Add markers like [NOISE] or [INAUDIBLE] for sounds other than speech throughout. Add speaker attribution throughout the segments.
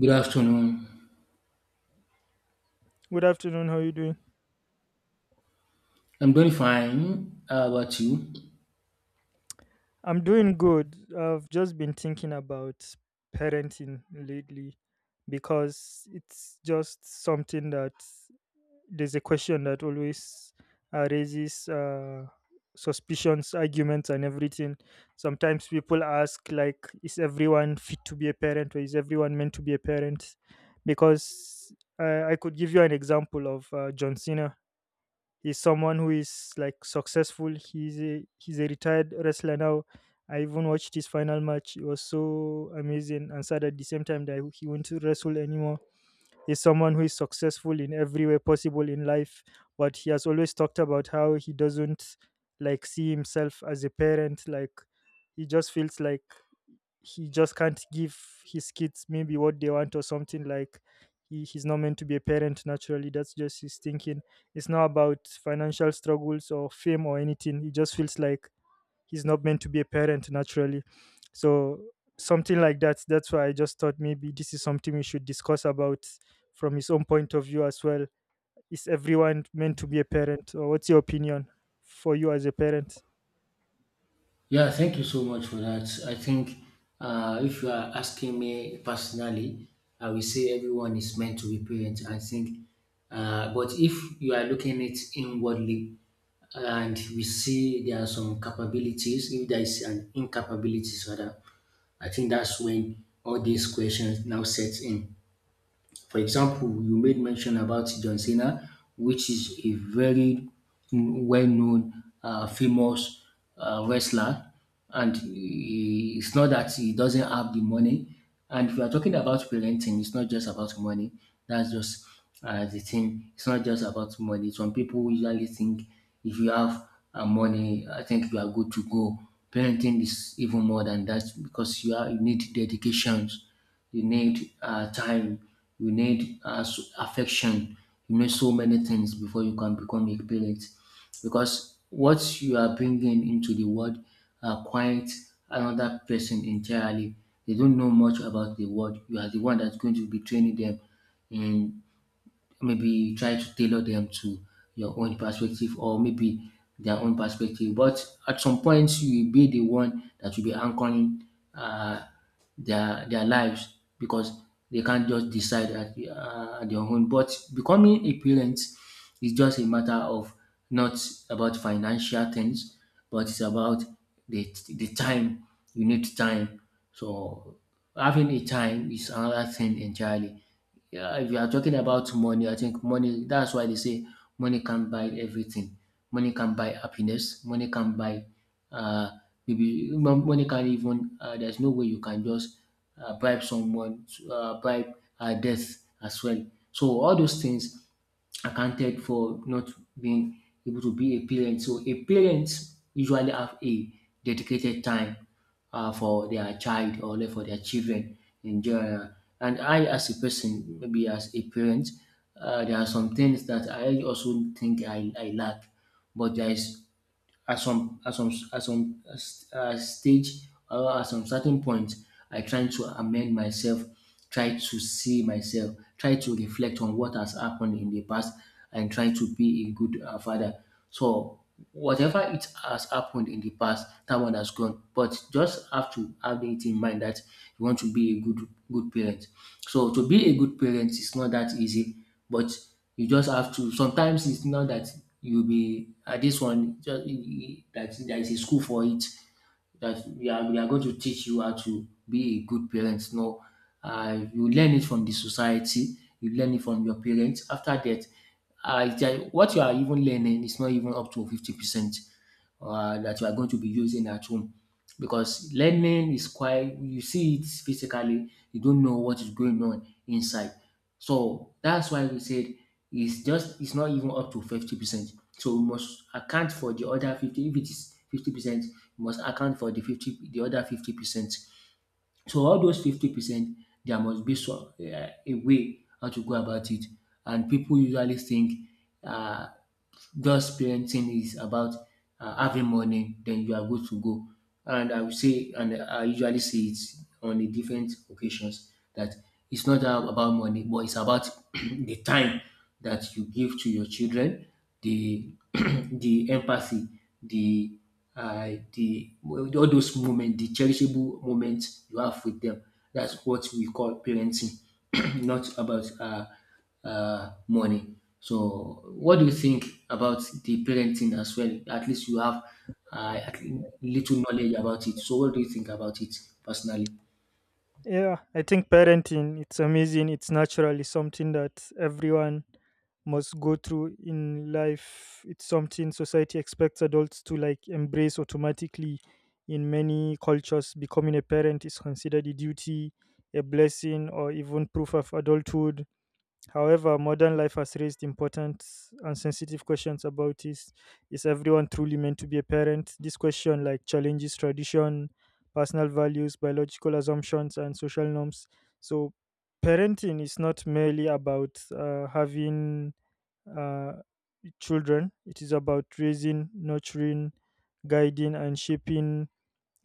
Speaker 1: Good afternoon.
Speaker 2: Good afternoon. How are you doing?
Speaker 1: I'm doing fine. How about you?
Speaker 2: I'm doing good. I've just been thinking about parenting lately because it's just something that there's a question that always raises suspicions, arguments, and everything. Sometimes people ask, like, is everyone fit to be a parent or is everyone meant to be a parent? Because I could give you an example of John Cena. He's someone who is like successful. He's a retired wrestler now. I even watched his final match. It was so amazing and sad at the same time that he won't wrestle anymore. He's someone who is successful in every way possible in life, but he has always talked about how he doesn't like see himself as a parent. Like, he just feels like he just can't give his kids maybe what they want or something. Like, he's not meant to be a parent naturally. That's just his thinking. It's not about financial struggles or fame or anything. He just feels like he's not meant to be a parent naturally. So something like that. That's why I just thought maybe this is something we should discuss about from his own point of view as well. Is everyone meant to be a parent, or what's your opinion for you as a parent?
Speaker 1: Yeah, thank you so much for that. I think if you are asking me personally, I will say everyone is meant to be parent. I think, but if you are looking at it inwardly, and we see there are some capabilities, if there is an incapabilities rather, I think that's when all these questions now set in. For example, you made mention about John Cena, which is a very well known, famous wrestler, and it's not that he doesn't have the money. And if you are talking about parenting, it's not just about money. That's just the thing. It's not just about money. Some people usually think if you have money, I think you are good to go. Parenting is even more than that because you need dedications, you need time, you need affection, you need so many things before you can become a parent. Because what you are bringing into the world are quite another person entirely. They don't know much about the world. You are the one that's going to be training them in, maybe try to tailor them to your own perspective or maybe their own perspective. But at some point, you will be the one that will be anchoring uh, their lives because they can't just decide at their own. But becoming a parent is just a matter of not about financial things, but it's about the time. You need time. So having a time is another thing entirely. Yeah, if you are talking about money, I think money, that's why they say money can buy everything. Money can buy happiness. Money can buy, uh, maybe money can even, there's no way you can just bribe someone, bribe death as well. So all those things accounted for not being able to be a parent. So a parent usually have a dedicated time for their child or like for their children in general. And I, as a person, maybe as a parent, there are some things that I also think I lack, but there is at some stage or at some certain point, I try to amend myself, try to see myself, try to reflect on what has happened in the past, and try to be a good father. So whatever it has happened in the past, that one has gone. But just have to have it in mind that you want to be a good parent. So to be a good parent is not that easy, but you just have to. Sometimes it's not that you'll be at this one, just that there is a school for it, that's we are going to teach you how to be a good parent. No, you learn it from the society. You learn it from your parents. After that, it's like what you are even learning is not even up to 50% that you are going to be using at home because learning is quite, you see it physically. You don't know what is going on inside. So that's why we said it's just it's not even up to 50%. So we must account for the other 50. If it is 50%, must account for the other 50%. So all those 50%, there must be some a way how to go about it. And people usually think um just parenting is about having money, then you are good to go. And I would say, and I usually say it on the different occasions, that it's not about money, but it's about [CLEARS THROAT] the time that you give to your children, the [CLEARS THROAT] the empathy, the the, well, all those moments, the cherishable moments you have with them. That's what we call parenting, [CLEARS THROAT] not about money. So, what do you think about the parenting as well? At least you have uh, at- little knowledge about it. So, what do you think about it personally?
Speaker 2: Yeah, I think parenting it's amazing. It's naturally something that everyone must go through in life. It's something society expects adults to like embrace automatically in many cultures. Becoming a parent is considered a duty, a blessing, or even proof of adulthood. However, modern life has raised important and sensitive questions about this. Is everyone truly meant to be a parent? This question like challenges tradition, personal values, biological assumptions, and social norms. So parenting is not merely about having uh, children. It is about raising, nurturing, guiding, and shaping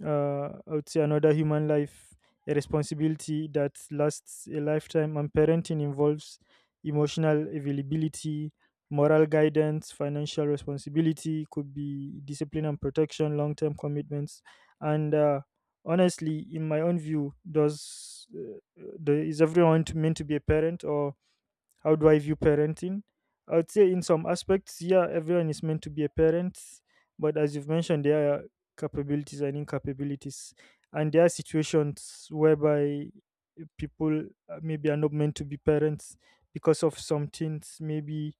Speaker 2: I would say another human life, a responsibility that lasts a lifetime. And parenting involves emotional availability, moral guidance, financial responsibility, could be discipline and protection, long term commitments. And honestly, in my own view, is meant to be a parent, or how do I view parenting? I would say, in some aspects, yeah, everyone is meant to be a parent, but as you've mentioned, there are capabilities and incapabilities, and there are situations whereby people maybe are not meant to be parents because of some things. Maybe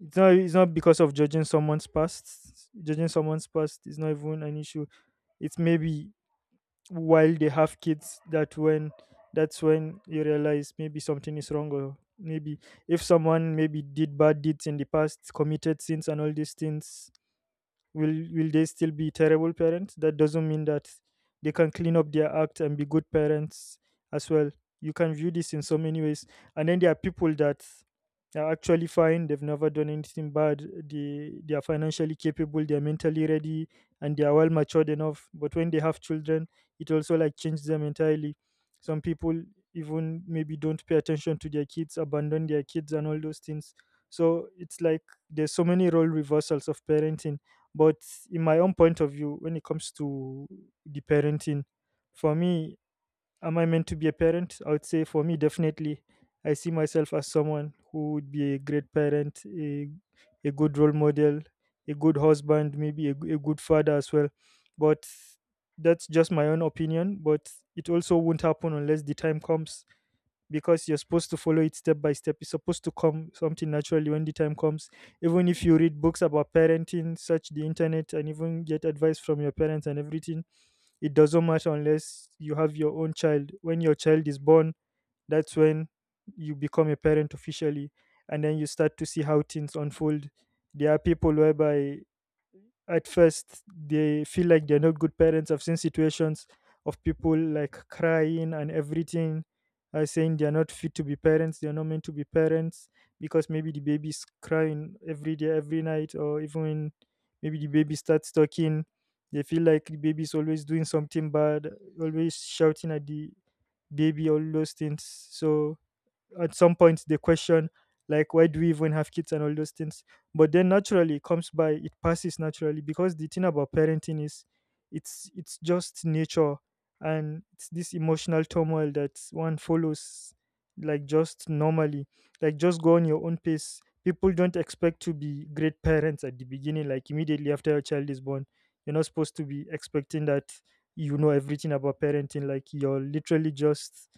Speaker 2: it's not because of judging someone's past. Judging someone's past is not even an issue. It's maybe while they have kids that when that's when you realize maybe something is wrong, or maybe if someone maybe did bad deeds in the past, committed sins and all these things, will they still be terrible parents? That doesn't mean that they can clean up their act and be good parents as well. You can view this in so many ways. And then there are people that are actually fine. They've never done anything bad. They are financially capable, they're mentally ready, and they are well matured enough. But when they have children, it also like changes them entirely. Some people even maybe don't pay attention to their kids, abandon their kids and all those things. So it's like there's so many role reversals of parenting. But in my own point of view, when it comes to the parenting, for me, am I meant to be a parent? I would say for me, definitely. I see myself as someone who would be a great parent, a good role model, a good husband, maybe a good father as well. But that's just my own opinion. But it also won't happen unless the time comes, because you're supposed to follow it step by step. It's supposed to come something naturally when the time comes. Even if you read books about parenting, search the internet, and even get advice from your parents and everything, it doesn't matter unless you have your own child. When your child is born, that's when you become a parent officially, and then you start to see how things unfold. There are people whereby at first they feel like they're not good parents. I've seen situations of people like crying and everything, saying they're not fit to be parents, they're not meant to be parents, because maybe the baby's crying every day every night. Or even when maybe the baby starts talking, they feel like the baby's always doing something bad, always shouting at the baby, all those things. So at some point they question like why do we even have kids and all those things. But then naturally it comes by, it passes naturally, because the thing about parenting is it's just nature, and it's this emotional turmoil that one follows, like just normally, like just go on your own pace. People don't expect to be great parents at the beginning, like immediately after your child is born. You're not supposed to be expecting that you know everything about parenting. Like you're literally just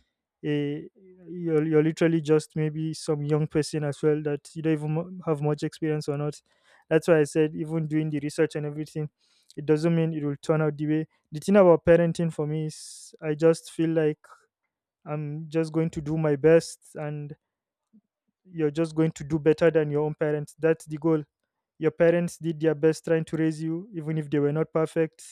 Speaker 2: a you're literally just maybe some young person as well that you don't even have much experience or not. That's why I said even doing the research and everything, it doesn't mean it will turn out the way. The thing about parenting for me is I just feel like I'm just going to do my best, and you're just going to do better than your own parents. That's the goal. Your parents did their best trying to raise you, even if they were not perfect,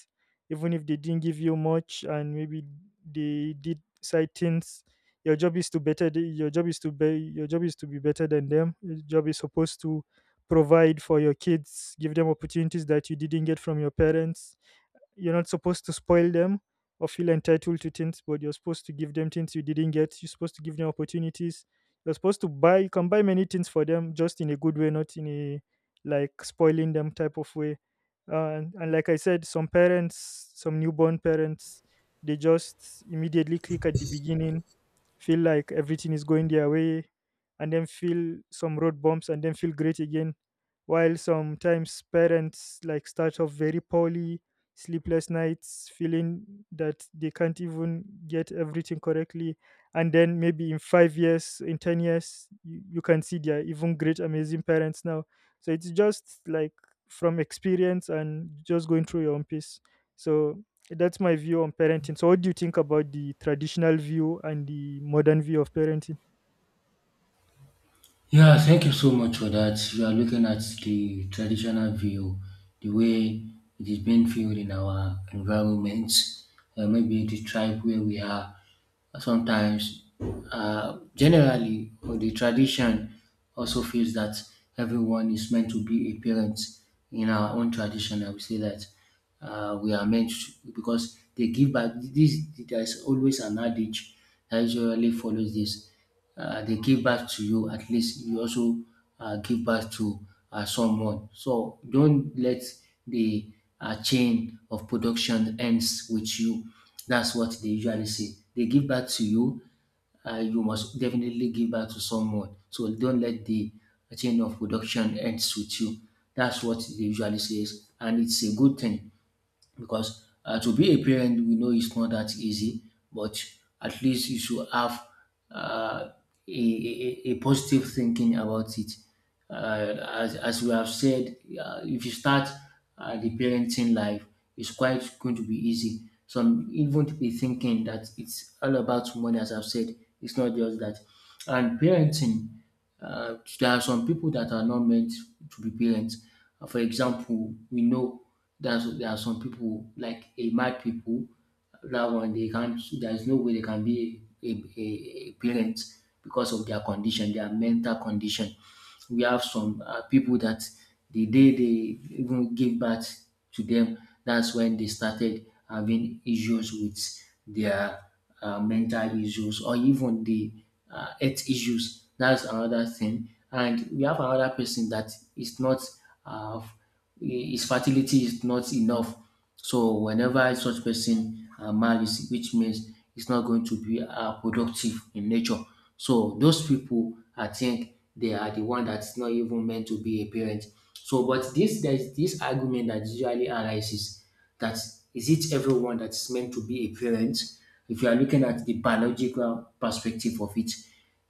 Speaker 2: even if they didn't give you much, and maybe they did side things. Your job is to be. Your job is to be better than them. Your job is supposed to provide for your kids, give them opportunities that you didn't get from your parents. You're not supposed to spoil them or feel entitled to things, but you're supposed to give them things you didn't get. You're supposed to give them opportunities. You can buy many things for them just in a good way, not in a like spoiling them type of way. And like I said, some parents, some newborn parents, they just immediately click at the beginning, feel like everything is going their way, and then feel some road bumps and then feel great again. While sometimes parents like start off very poorly, sleepless nights, feeling that they can't even get everything correctly, and then maybe in 5 years, in 10 years, you can see they are even great amazing parents now. So it's just like from experience and just going through your own piece. So that's my view on parenting. So what do you think about the traditional view and the modern view of parenting?
Speaker 1: Yeah, thank you so much for that. You are looking at the traditional view, the way it is being viewed in our environment, maybe the tribe where we are. Sometimes, generally, or the tradition also feels that everyone is meant to be a parent in our own tradition. I would say that we are meant to, because they give back. This There's always an adage that usually follows this, they give back to you, at least you also give back to someone. So don't let the chain of production ends with you. That's what they usually say. They give back to you, you must definitely give back to someone. So don't let the chain of production ends with you. That's what they usually says, and it's a good thing because, to be a parent, we know it's not that easy, but at least you should have uh, a positive thinking about it. uh, as we have said, if you start the parenting life, it's quite going to be easy. Some even to be thinking that it's all about money. As I've said, it's not just that. And parenting, there are some people that are not meant to be parents. For example, we know that there are some people like a mad people. That one they can't. There is no way they can be a parent because of their condition, their mental condition. We have some people that the day they even give birth to them, that's when they started having issues with their mental issues or even the health issues. That's another thing. And we have another person that is not, uh, his fertility is not enough. So whenever such person marries, which means it's not going to be productive in nature. So those people, I think they are the one that's not even meant to be a parent. So, but this there's this argument that usually arises, that is it everyone that's meant to be a parent? If you are looking at the biological perspective of it,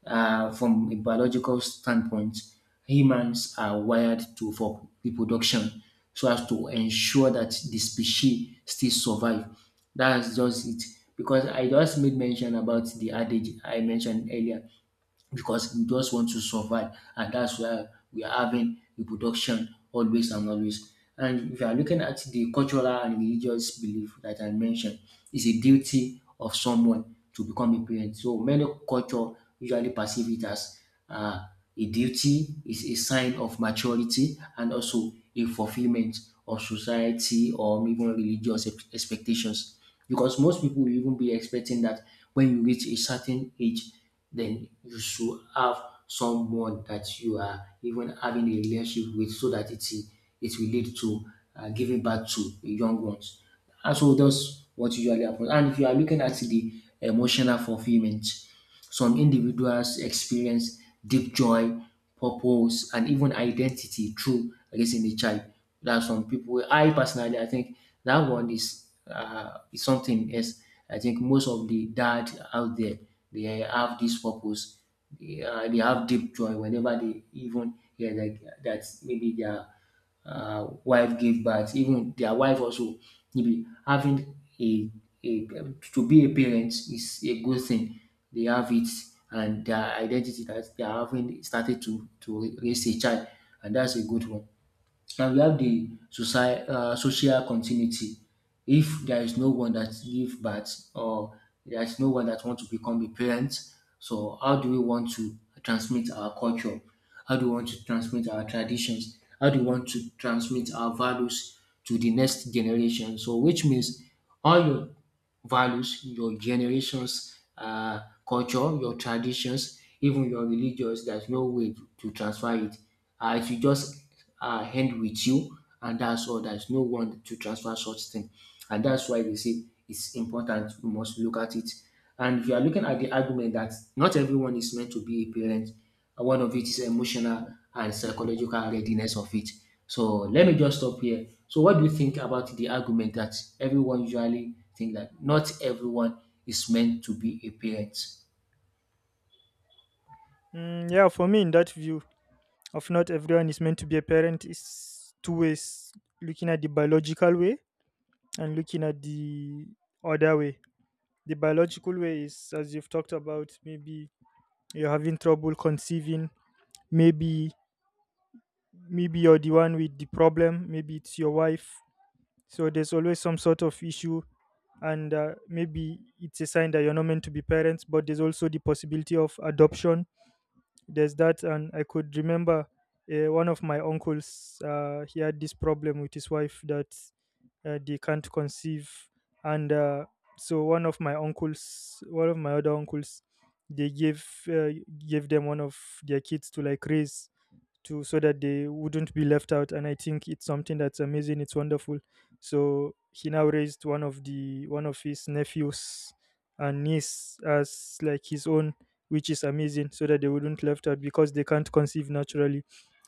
Speaker 1: from a biological standpoint, humans are wired to for reproduction so as to ensure that the species still survive. That's just it. Because I just made mention about the adage I mentioned earlier, because we just want to survive, and that's why we are having reproduction always and always. And if you are looking at the cultural and religious belief that I mentioned, it's a duty of someone to become a parent. So many culture usually perceive it as uh, a duty, is a sign of maturity and also a fulfillment of society or even religious expectations, because most people will even be expecting that when you reach a certain age, then you should have someone that you are even having a relationship with, so that it will lead to giving back to the young ones. And so that's what usually happens. And if you are looking at the emotional fulfillment, some individuals experience deep joy, purpose, and even identity through raising a child. There are some people. I personally, I think that one is, is something else. I think most of the dad out there, they have this purpose. They have deep joy whenever they even hear like that maybe they are wife gave birth. Even their wife also, maybe having a to be a parent is a good thing. They have it, and their identity that they are having started to raise a child, and that's a good one. And we have the social continuity. If there is no one that give birth, or there is no one that want to become a parent, so how do we want to transmit our culture? How do we want to transmit our traditions? How do we want to transmit our values to the next generation? So, which means all your values, your generations, culture, your traditions, even your religious, there's no way to transfer it. It will just end with you, and that's all. There's no one to transfer such thing. And that's why they say it's important. We must look at it. And if you are looking at the argument that not everyone is meant to be a parent, one of it is emotional and psychological readiness of it. So let me just stop here. So what do you think about the argument that everyone usually think that not everyone is meant to be a parent?
Speaker 2: Mm, yeah, for me, in that view of not everyone is meant to be a parent, is two ways: looking at the biological way and looking at the other way. The biological way is, as you've talked about, maybe you're having trouble conceiving, maybe you're the one with the problem, maybe it's your wife. So there's always some sort of issue, and maybe it's a sign that you're not meant to be parents. But there's also the possibility of adoption, there's that. And I could remember one of my uncles, he had this problem with his wife that they can't conceive. And So one of my other uncles, they gave them one of their kids to like raise to, so that they wouldn't be left out. And I think it's something that's amazing, it's wonderful. So he now raised one of his nephews and niece as like his own, which is amazing, so that they wouldn't left out because they can't conceive naturally.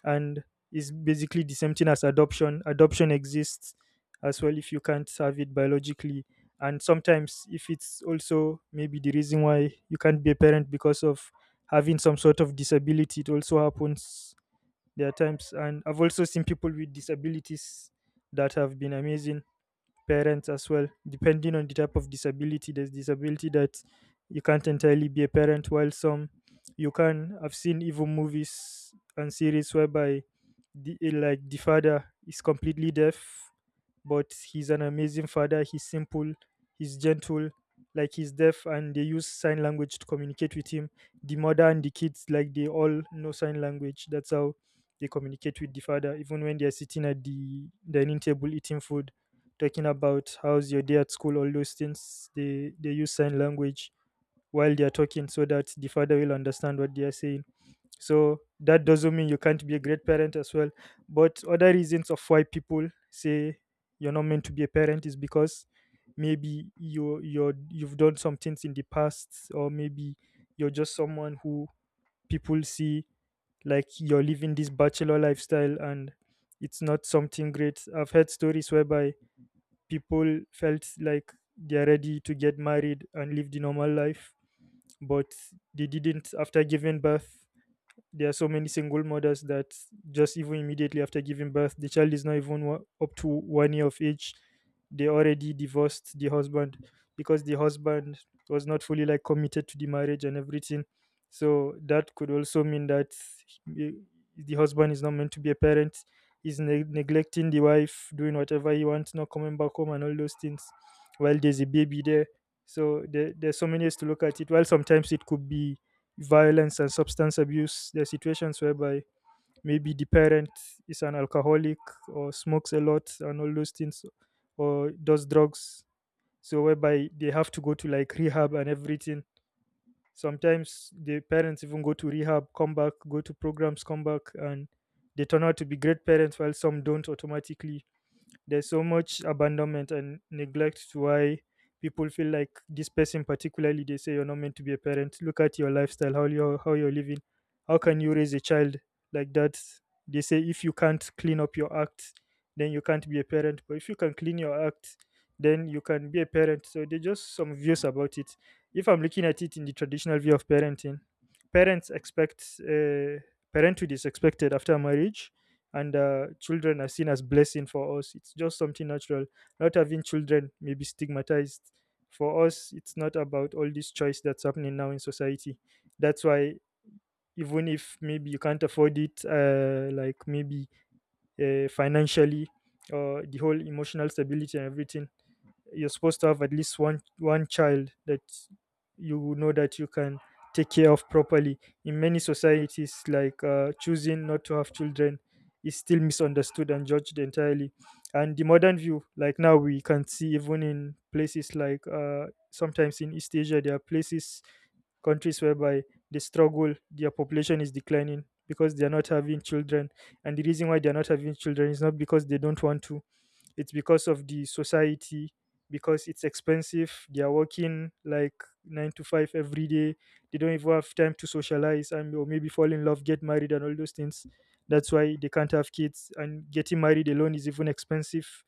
Speaker 2: And it's basically the same thing as adoption. Adoption exists as well if you can't have it biologically. And sometimes if it's also maybe the reason why you can't be a parent because of having some sort of disability, it also happens. There are times, and I've also seen people with disabilities that have been amazing parents as well. Depending on the type of disability, there's disability that you can't entirely be a parent, while some you can. I've seen even movies and series whereby like the father is completely deaf, but he's an amazing father. He's simple, he's gentle, like he's deaf, and they use sign language to communicate with him. The mother and the kids, like they all know sign language. That's how they communicate with the father, even when they're sitting at the dining table eating food, talking about how's your day at school, all those things. They use sign language while they are talking so that the father will understand what they are saying, so that doesn't mean you can't be a great parent as well. But other reasons of why people say you're not meant to be a parent is because maybe you've done some things in the past, or maybe you're just someone who people see, like you're living this bachelor lifestyle and it's not something great. I've heard stories whereby people felt like they're ready to get married and live the normal life, but they didn't. After giving birth, there are so many single mothers that, just even immediately after giving birth, the child is not even up to 1 year of age, they already divorced the husband because the husband was not fully, like, committed to the marriage and everything. So that could also mean that he- the husband is not meant to be a parent. He's neglecting the wife, doing whatever he wants, not coming back home and all those things while there's a baby there. So there's so many ways to look at it. While sometimes it could be violence and substance abuse. There are situations whereby maybe the parent is an alcoholic or smokes a lot and all those things, or does drugs. So whereby they have to go to like rehab and everything. Sometimes the parents even go to rehab, come back, go to programs, come back, and they turn out to be great parents, while some don't. Automatically, there's so much abandonment and neglect to why people feel like this person particularly, they say you're not meant to be a parent. Look at your lifestyle, how you're living. How can you raise a child like that? They say if you can't clean up your act, then you can't be a parent, but if you can clean your act, then you can be a parent. So they just some views about it. If I'm looking at it in the traditional view of parenting, parents expect parenthood is expected after marriage, and children are seen as blessing. For us, it's just something natural. Not having children may be stigmatized. For us, it's not about all this choice that's happening now in society. That's why even if maybe you can't afford it, like maybe financially, or the whole emotional stability and everything, you're supposed to have at least one child that you know that you can take care of properly. In many societies, like, choosing not to have children is still misunderstood and judged entirely. And the modern view, like now we can see even in places like, sometimes in East Asia, there are places, countries, whereby they struggle. Their population is declining because they are not having children, and the reason why they are not having children is not because they don't want to. It's because of the society, because it's expensive. They are working like 9 to 5 every day. They don't even have time to socialize, and or maybe fall in love, get married and all those things. That's why they can't have kids, and getting married alone is even expensive.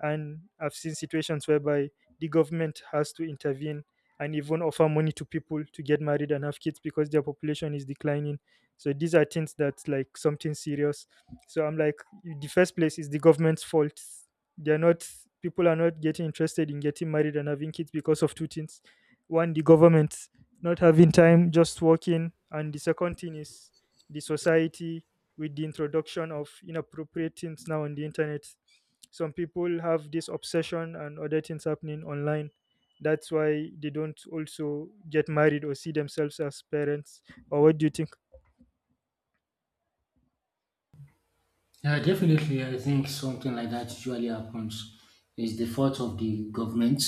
Speaker 2: And I've seen situations whereby the government has to intervene and even offer money to people to get married and have kids because their population is declining. So these are things that's like something serious. So I'm like, the first place is the government's fault. They're not People are not getting interested in getting married and having kids because of two things. One, the government, not having time, just working. And the second thing is the society, with the introduction of inappropriate things now on the internet. Some people have this obsession and other things happening online. That's why they don't also get married or see themselves as parents. Or what do you think?
Speaker 1: Yeah, definitely. I think something like that usually happens. It's the fault of the government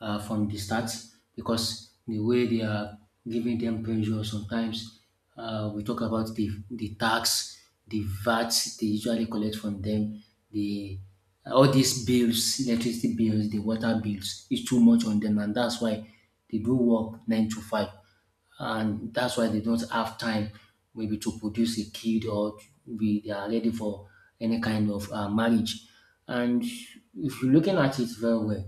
Speaker 1: from the start, because the way they are giving them pressure sometimes. We talk about the tax, the VAT they usually collect from them, the all these bills, electricity bills, the water bills is too much on them, and that's why they do work 9 to 5, and that's why they don't have time, maybe to produce a kid or to be they are ready for any kind of marriage. And if you're looking at it very well,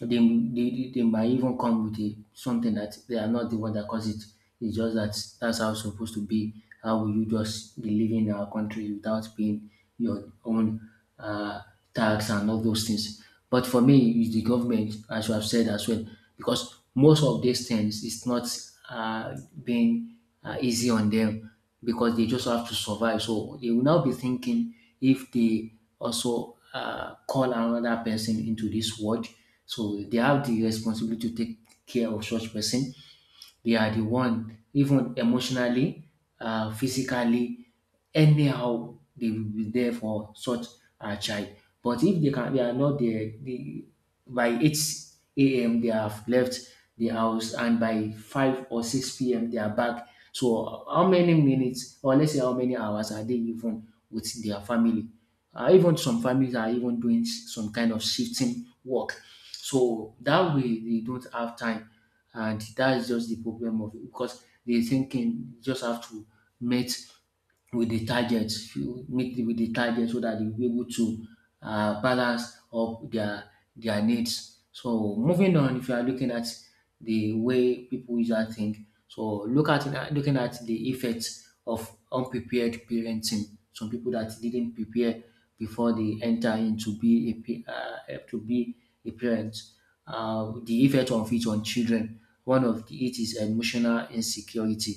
Speaker 1: they might even come with a, something that they are not the one that caused it. It's just that that's how it's supposed to be. How will you just be living in our country without being your own uh, tax and all those things? But for me, it's the government, as you have said as well, because most of these things it's not uh, being easy on them, because they just have to survive. So they will now be thinking, if they also call another person into this world, so they have the responsibility to take care of such person, they are the one, even emotionally, physically, anyhow, they will be there for such a child. But if they can, they are not there. They, by 8 a.m. they have left the house, and by 5 or 6 p.m. they are back. So how many minutes, or let's say how many hours, are they even with their family? Even some families are even doing some kind of shifting work. So that way they don't have time, and that's just the problem of it, because the thinking, you just have to meet with the target, you meet with the target so that you'll be able to balance up their needs. So moving on, if you are looking at the way people usually think, so looking at the effects of unprepared parenting. Some people that didn't prepare before they enter into be a to be a parent. The effect of it on children. It is emotional insecurity.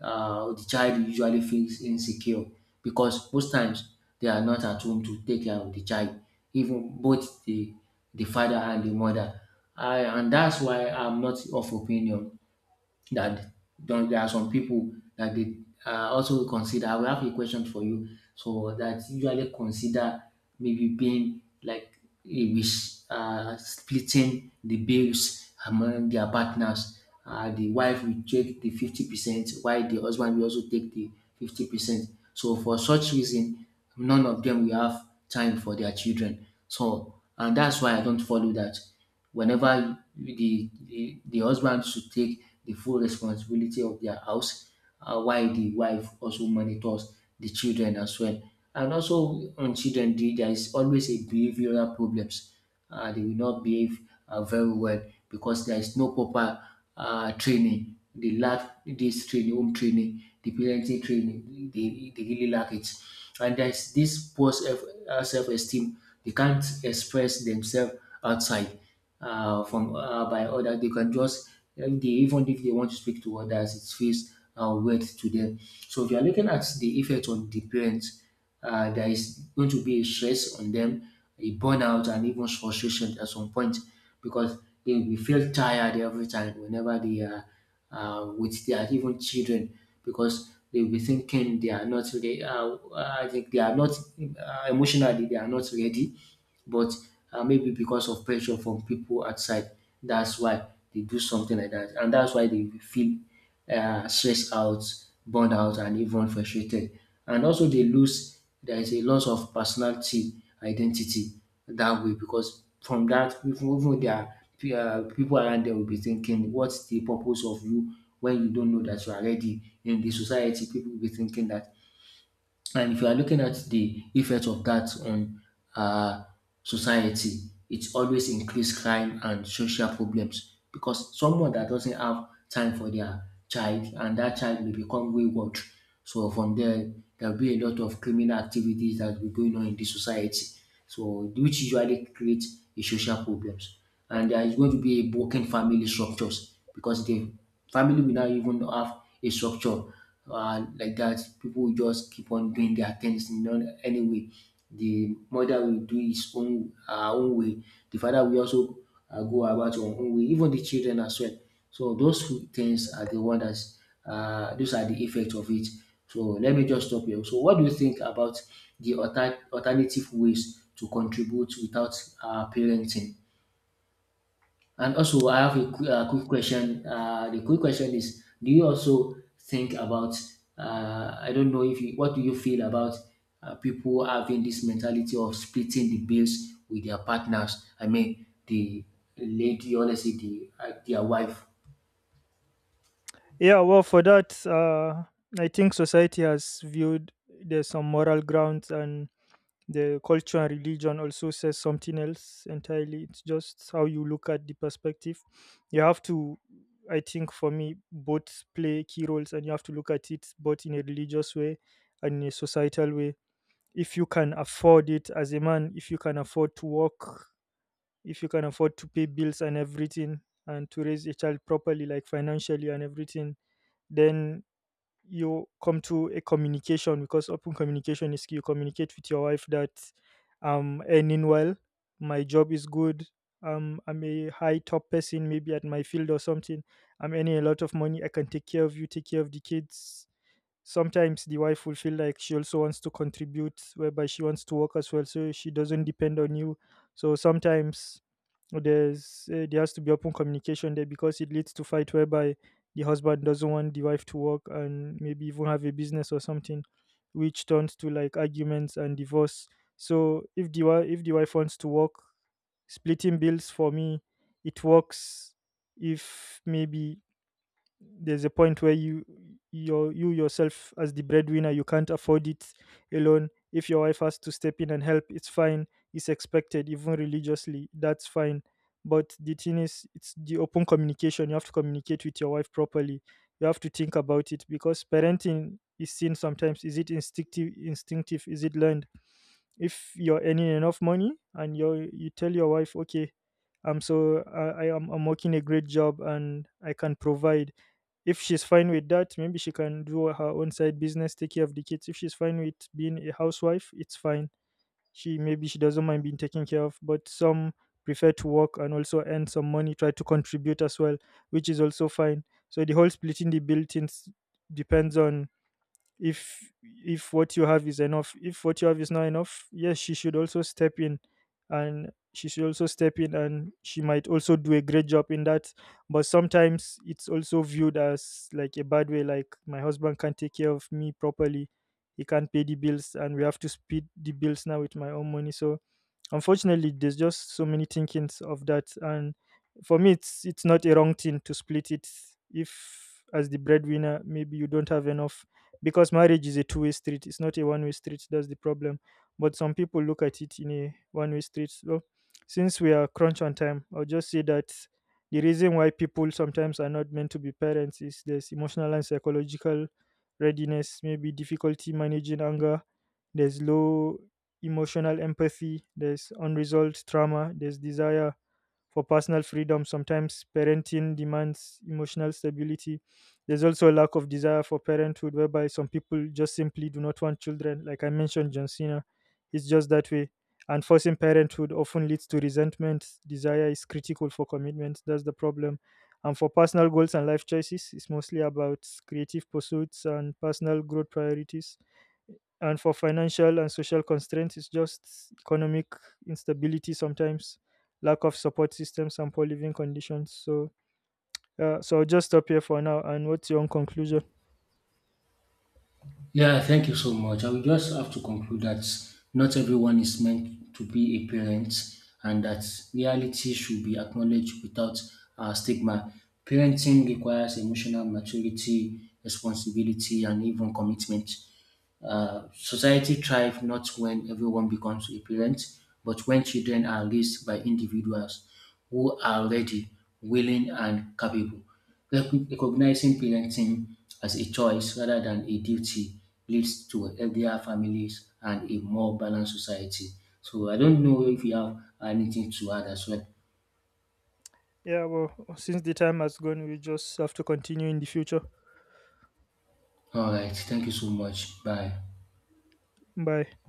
Speaker 1: The child usually feels insecure because most times they are not at home to take care of the child, even both the father and the mother. And that's why I'm not of opinion that there are some people that they also consider. I will have a question for you. So that usually consider maybe being like a wish, splitting the bills among their partners. The wife will take the 50%, while the husband will also take the 50%. So for such reason, none of them will have time for their children. So, and that's why I don't follow that, whenever the husband should take the full responsibility of their house, while the wife also monitors the children as well. And also on children, there is always a behavioral problems, they will not behave very well because there is no proper training. They lack this training, home training, the parenting training. They really lack it. And there's this poor self, self-esteem. They can't express themselves outside, from by others. They can just, and they, even if they want to speak to others, it feels weird to them. So if you are looking at the effect on the parents, there is going to be a stress on them, a burnout, and even frustration at some point, because they will feel tired every time whenever they are with their even children, because they will be thinking they are not ready. I think they are not emotionally, they are not ready, but maybe because of pressure from people outside, that's why they do something like that, and that's why they feel stressed out, burned out, and even frustrated. And also, they lose there is a loss of personality identity that way, because from that, even their people around them will be thinking, what's the purpose of you when you don't know that you are ready in the society? People will be thinking that. And if you are looking at the effect of that on uh, society, it always increase crime and social problems, because someone that doesn't have time for their child, and that child will become wayward. So from there, there will be a lot of criminal activities that will be going on in the society. So, which usually create a social problems. And there is going to be a broken family structures, because they family will not even have a structure like that. People will just keep on doing their things in any way. The mother will do his own her own way, the father will also go about your own way, even the children as well. So those few things are the one that's those are the effect of it. So let me just stop here. So what do you think about the alternative ways to contribute without parenting? And also, I have a quick question. The quick question is: do you also think about? I don't know if you. What do you feel about people having this mentality of splitting the bills with their partners? I mean, the lady, honestly, the their wife.
Speaker 2: Yeah, well, for that, I think society has viewed, there's some moral grounds, and the culture and religion also says something else entirely. It's just how you look at the perspective. You have to I think for me, both play key roles, and you have to look at it both in a religious way and in a societal way. If you can afford it as a man, if you can afford to work, if you can afford to pay bills and everything, and to raise a child properly, like financially and everything, then you come to a communication, because open communication is key. You communicate with your wife that I'm earning well, my job is good, I'm a high top person, maybe at my field or something. I'm earning a lot of money. I can take care of you, take care of the kids. Sometimes the wife will feel like she also wants to contribute, whereby she wants to work as well, so she doesn't depend on you. So sometimes there has to be open communication there, because it leads to fight whereby the husband doesn't want the wife to work, and maybe even have a business or something, which turns to like arguments and divorce. So if if the wife wants to work, splitting bills, for me, it works. If maybe there's a point where you yourself as the breadwinner you can't afford it alone, if your wife has to step in and help, it's fine. It's expected, even religiously, that's fine. But the thing is, it's the open communication. You have to communicate with your wife properly. You have to think about it, because parenting is seen sometimes, is it instinctive, is it learned? If you're earning enough money, and you tell your wife, okay, I'm so I am I'm working a great job and I can provide. If she's fine with that, maybe she can do her own side business, take care of the kids. If she's fine with being a housewife, it's fine. She maybe she doesn't mind being taken care of, but some prefer to work and also earn some money, try to contribute as well, which is also fine. So the whole splitting the bill things depends on if if what you have is enough. If what you have is not enough, yes, she should also step in, and she might also do a great job in that. But sometimes it's also viewed as like a bad way, like my husband can't take care of me properly, he can't pay the bills and we have to split the bills now with my own money. So unfortunately, there's just so many thinkings of that. And for me, it's not a wrong thing to split it, if as the breadwinner, maybe you don't have enough, because marriage is a two-way street. It's not a one-way street. That's the problem. But some people look at it in a one-way street. So, since we are crunch on time, I'll just say that the reason why people sometimes are not meant to be parents is there's emotional and psychological readiness, maybe difficulty managing anger, there's low emotional empathy, there's unresolved trauma, there's desire for personal freedom. Sometimes parenting demands emotional stability. There's also a lack of desire for parenthood, whereby some people just simply do not want children. Like I mentioned, John Cena, it's just that way. And forcing parenthood often leads to resentment. Desire is critical for commitment. That's the problem. And for personal goals and life choices, it's mostly about creative pursuits and personal growth priorities. And for financial and social constraints, it's just economic instability sometimes, lack of support systems and poor living conditions. So so I'll just stop here for now. And what's your own conclusion?
Speaker 1: Yeah, thank you so much. I will just have to conclude that not everyone is meant to be a parent, and that reality should be acknowledged without stigma. Parenting requires emotional maturity, responsibility, and even commitment. Society thrives not when everyone becomes a parent, but when children are raised by individuals who are ready, willing, and capable. Recognizing parenting as a choice rather than a duty leads to healthier families and a more balanced society. So I don't know if you have anything to add as well.
Speaker 2: Yeah, well, since the time has gone, we just have to continue in the future.
Speaker 1: All right, thank you so much. Bye.
Speaker 2: Bye.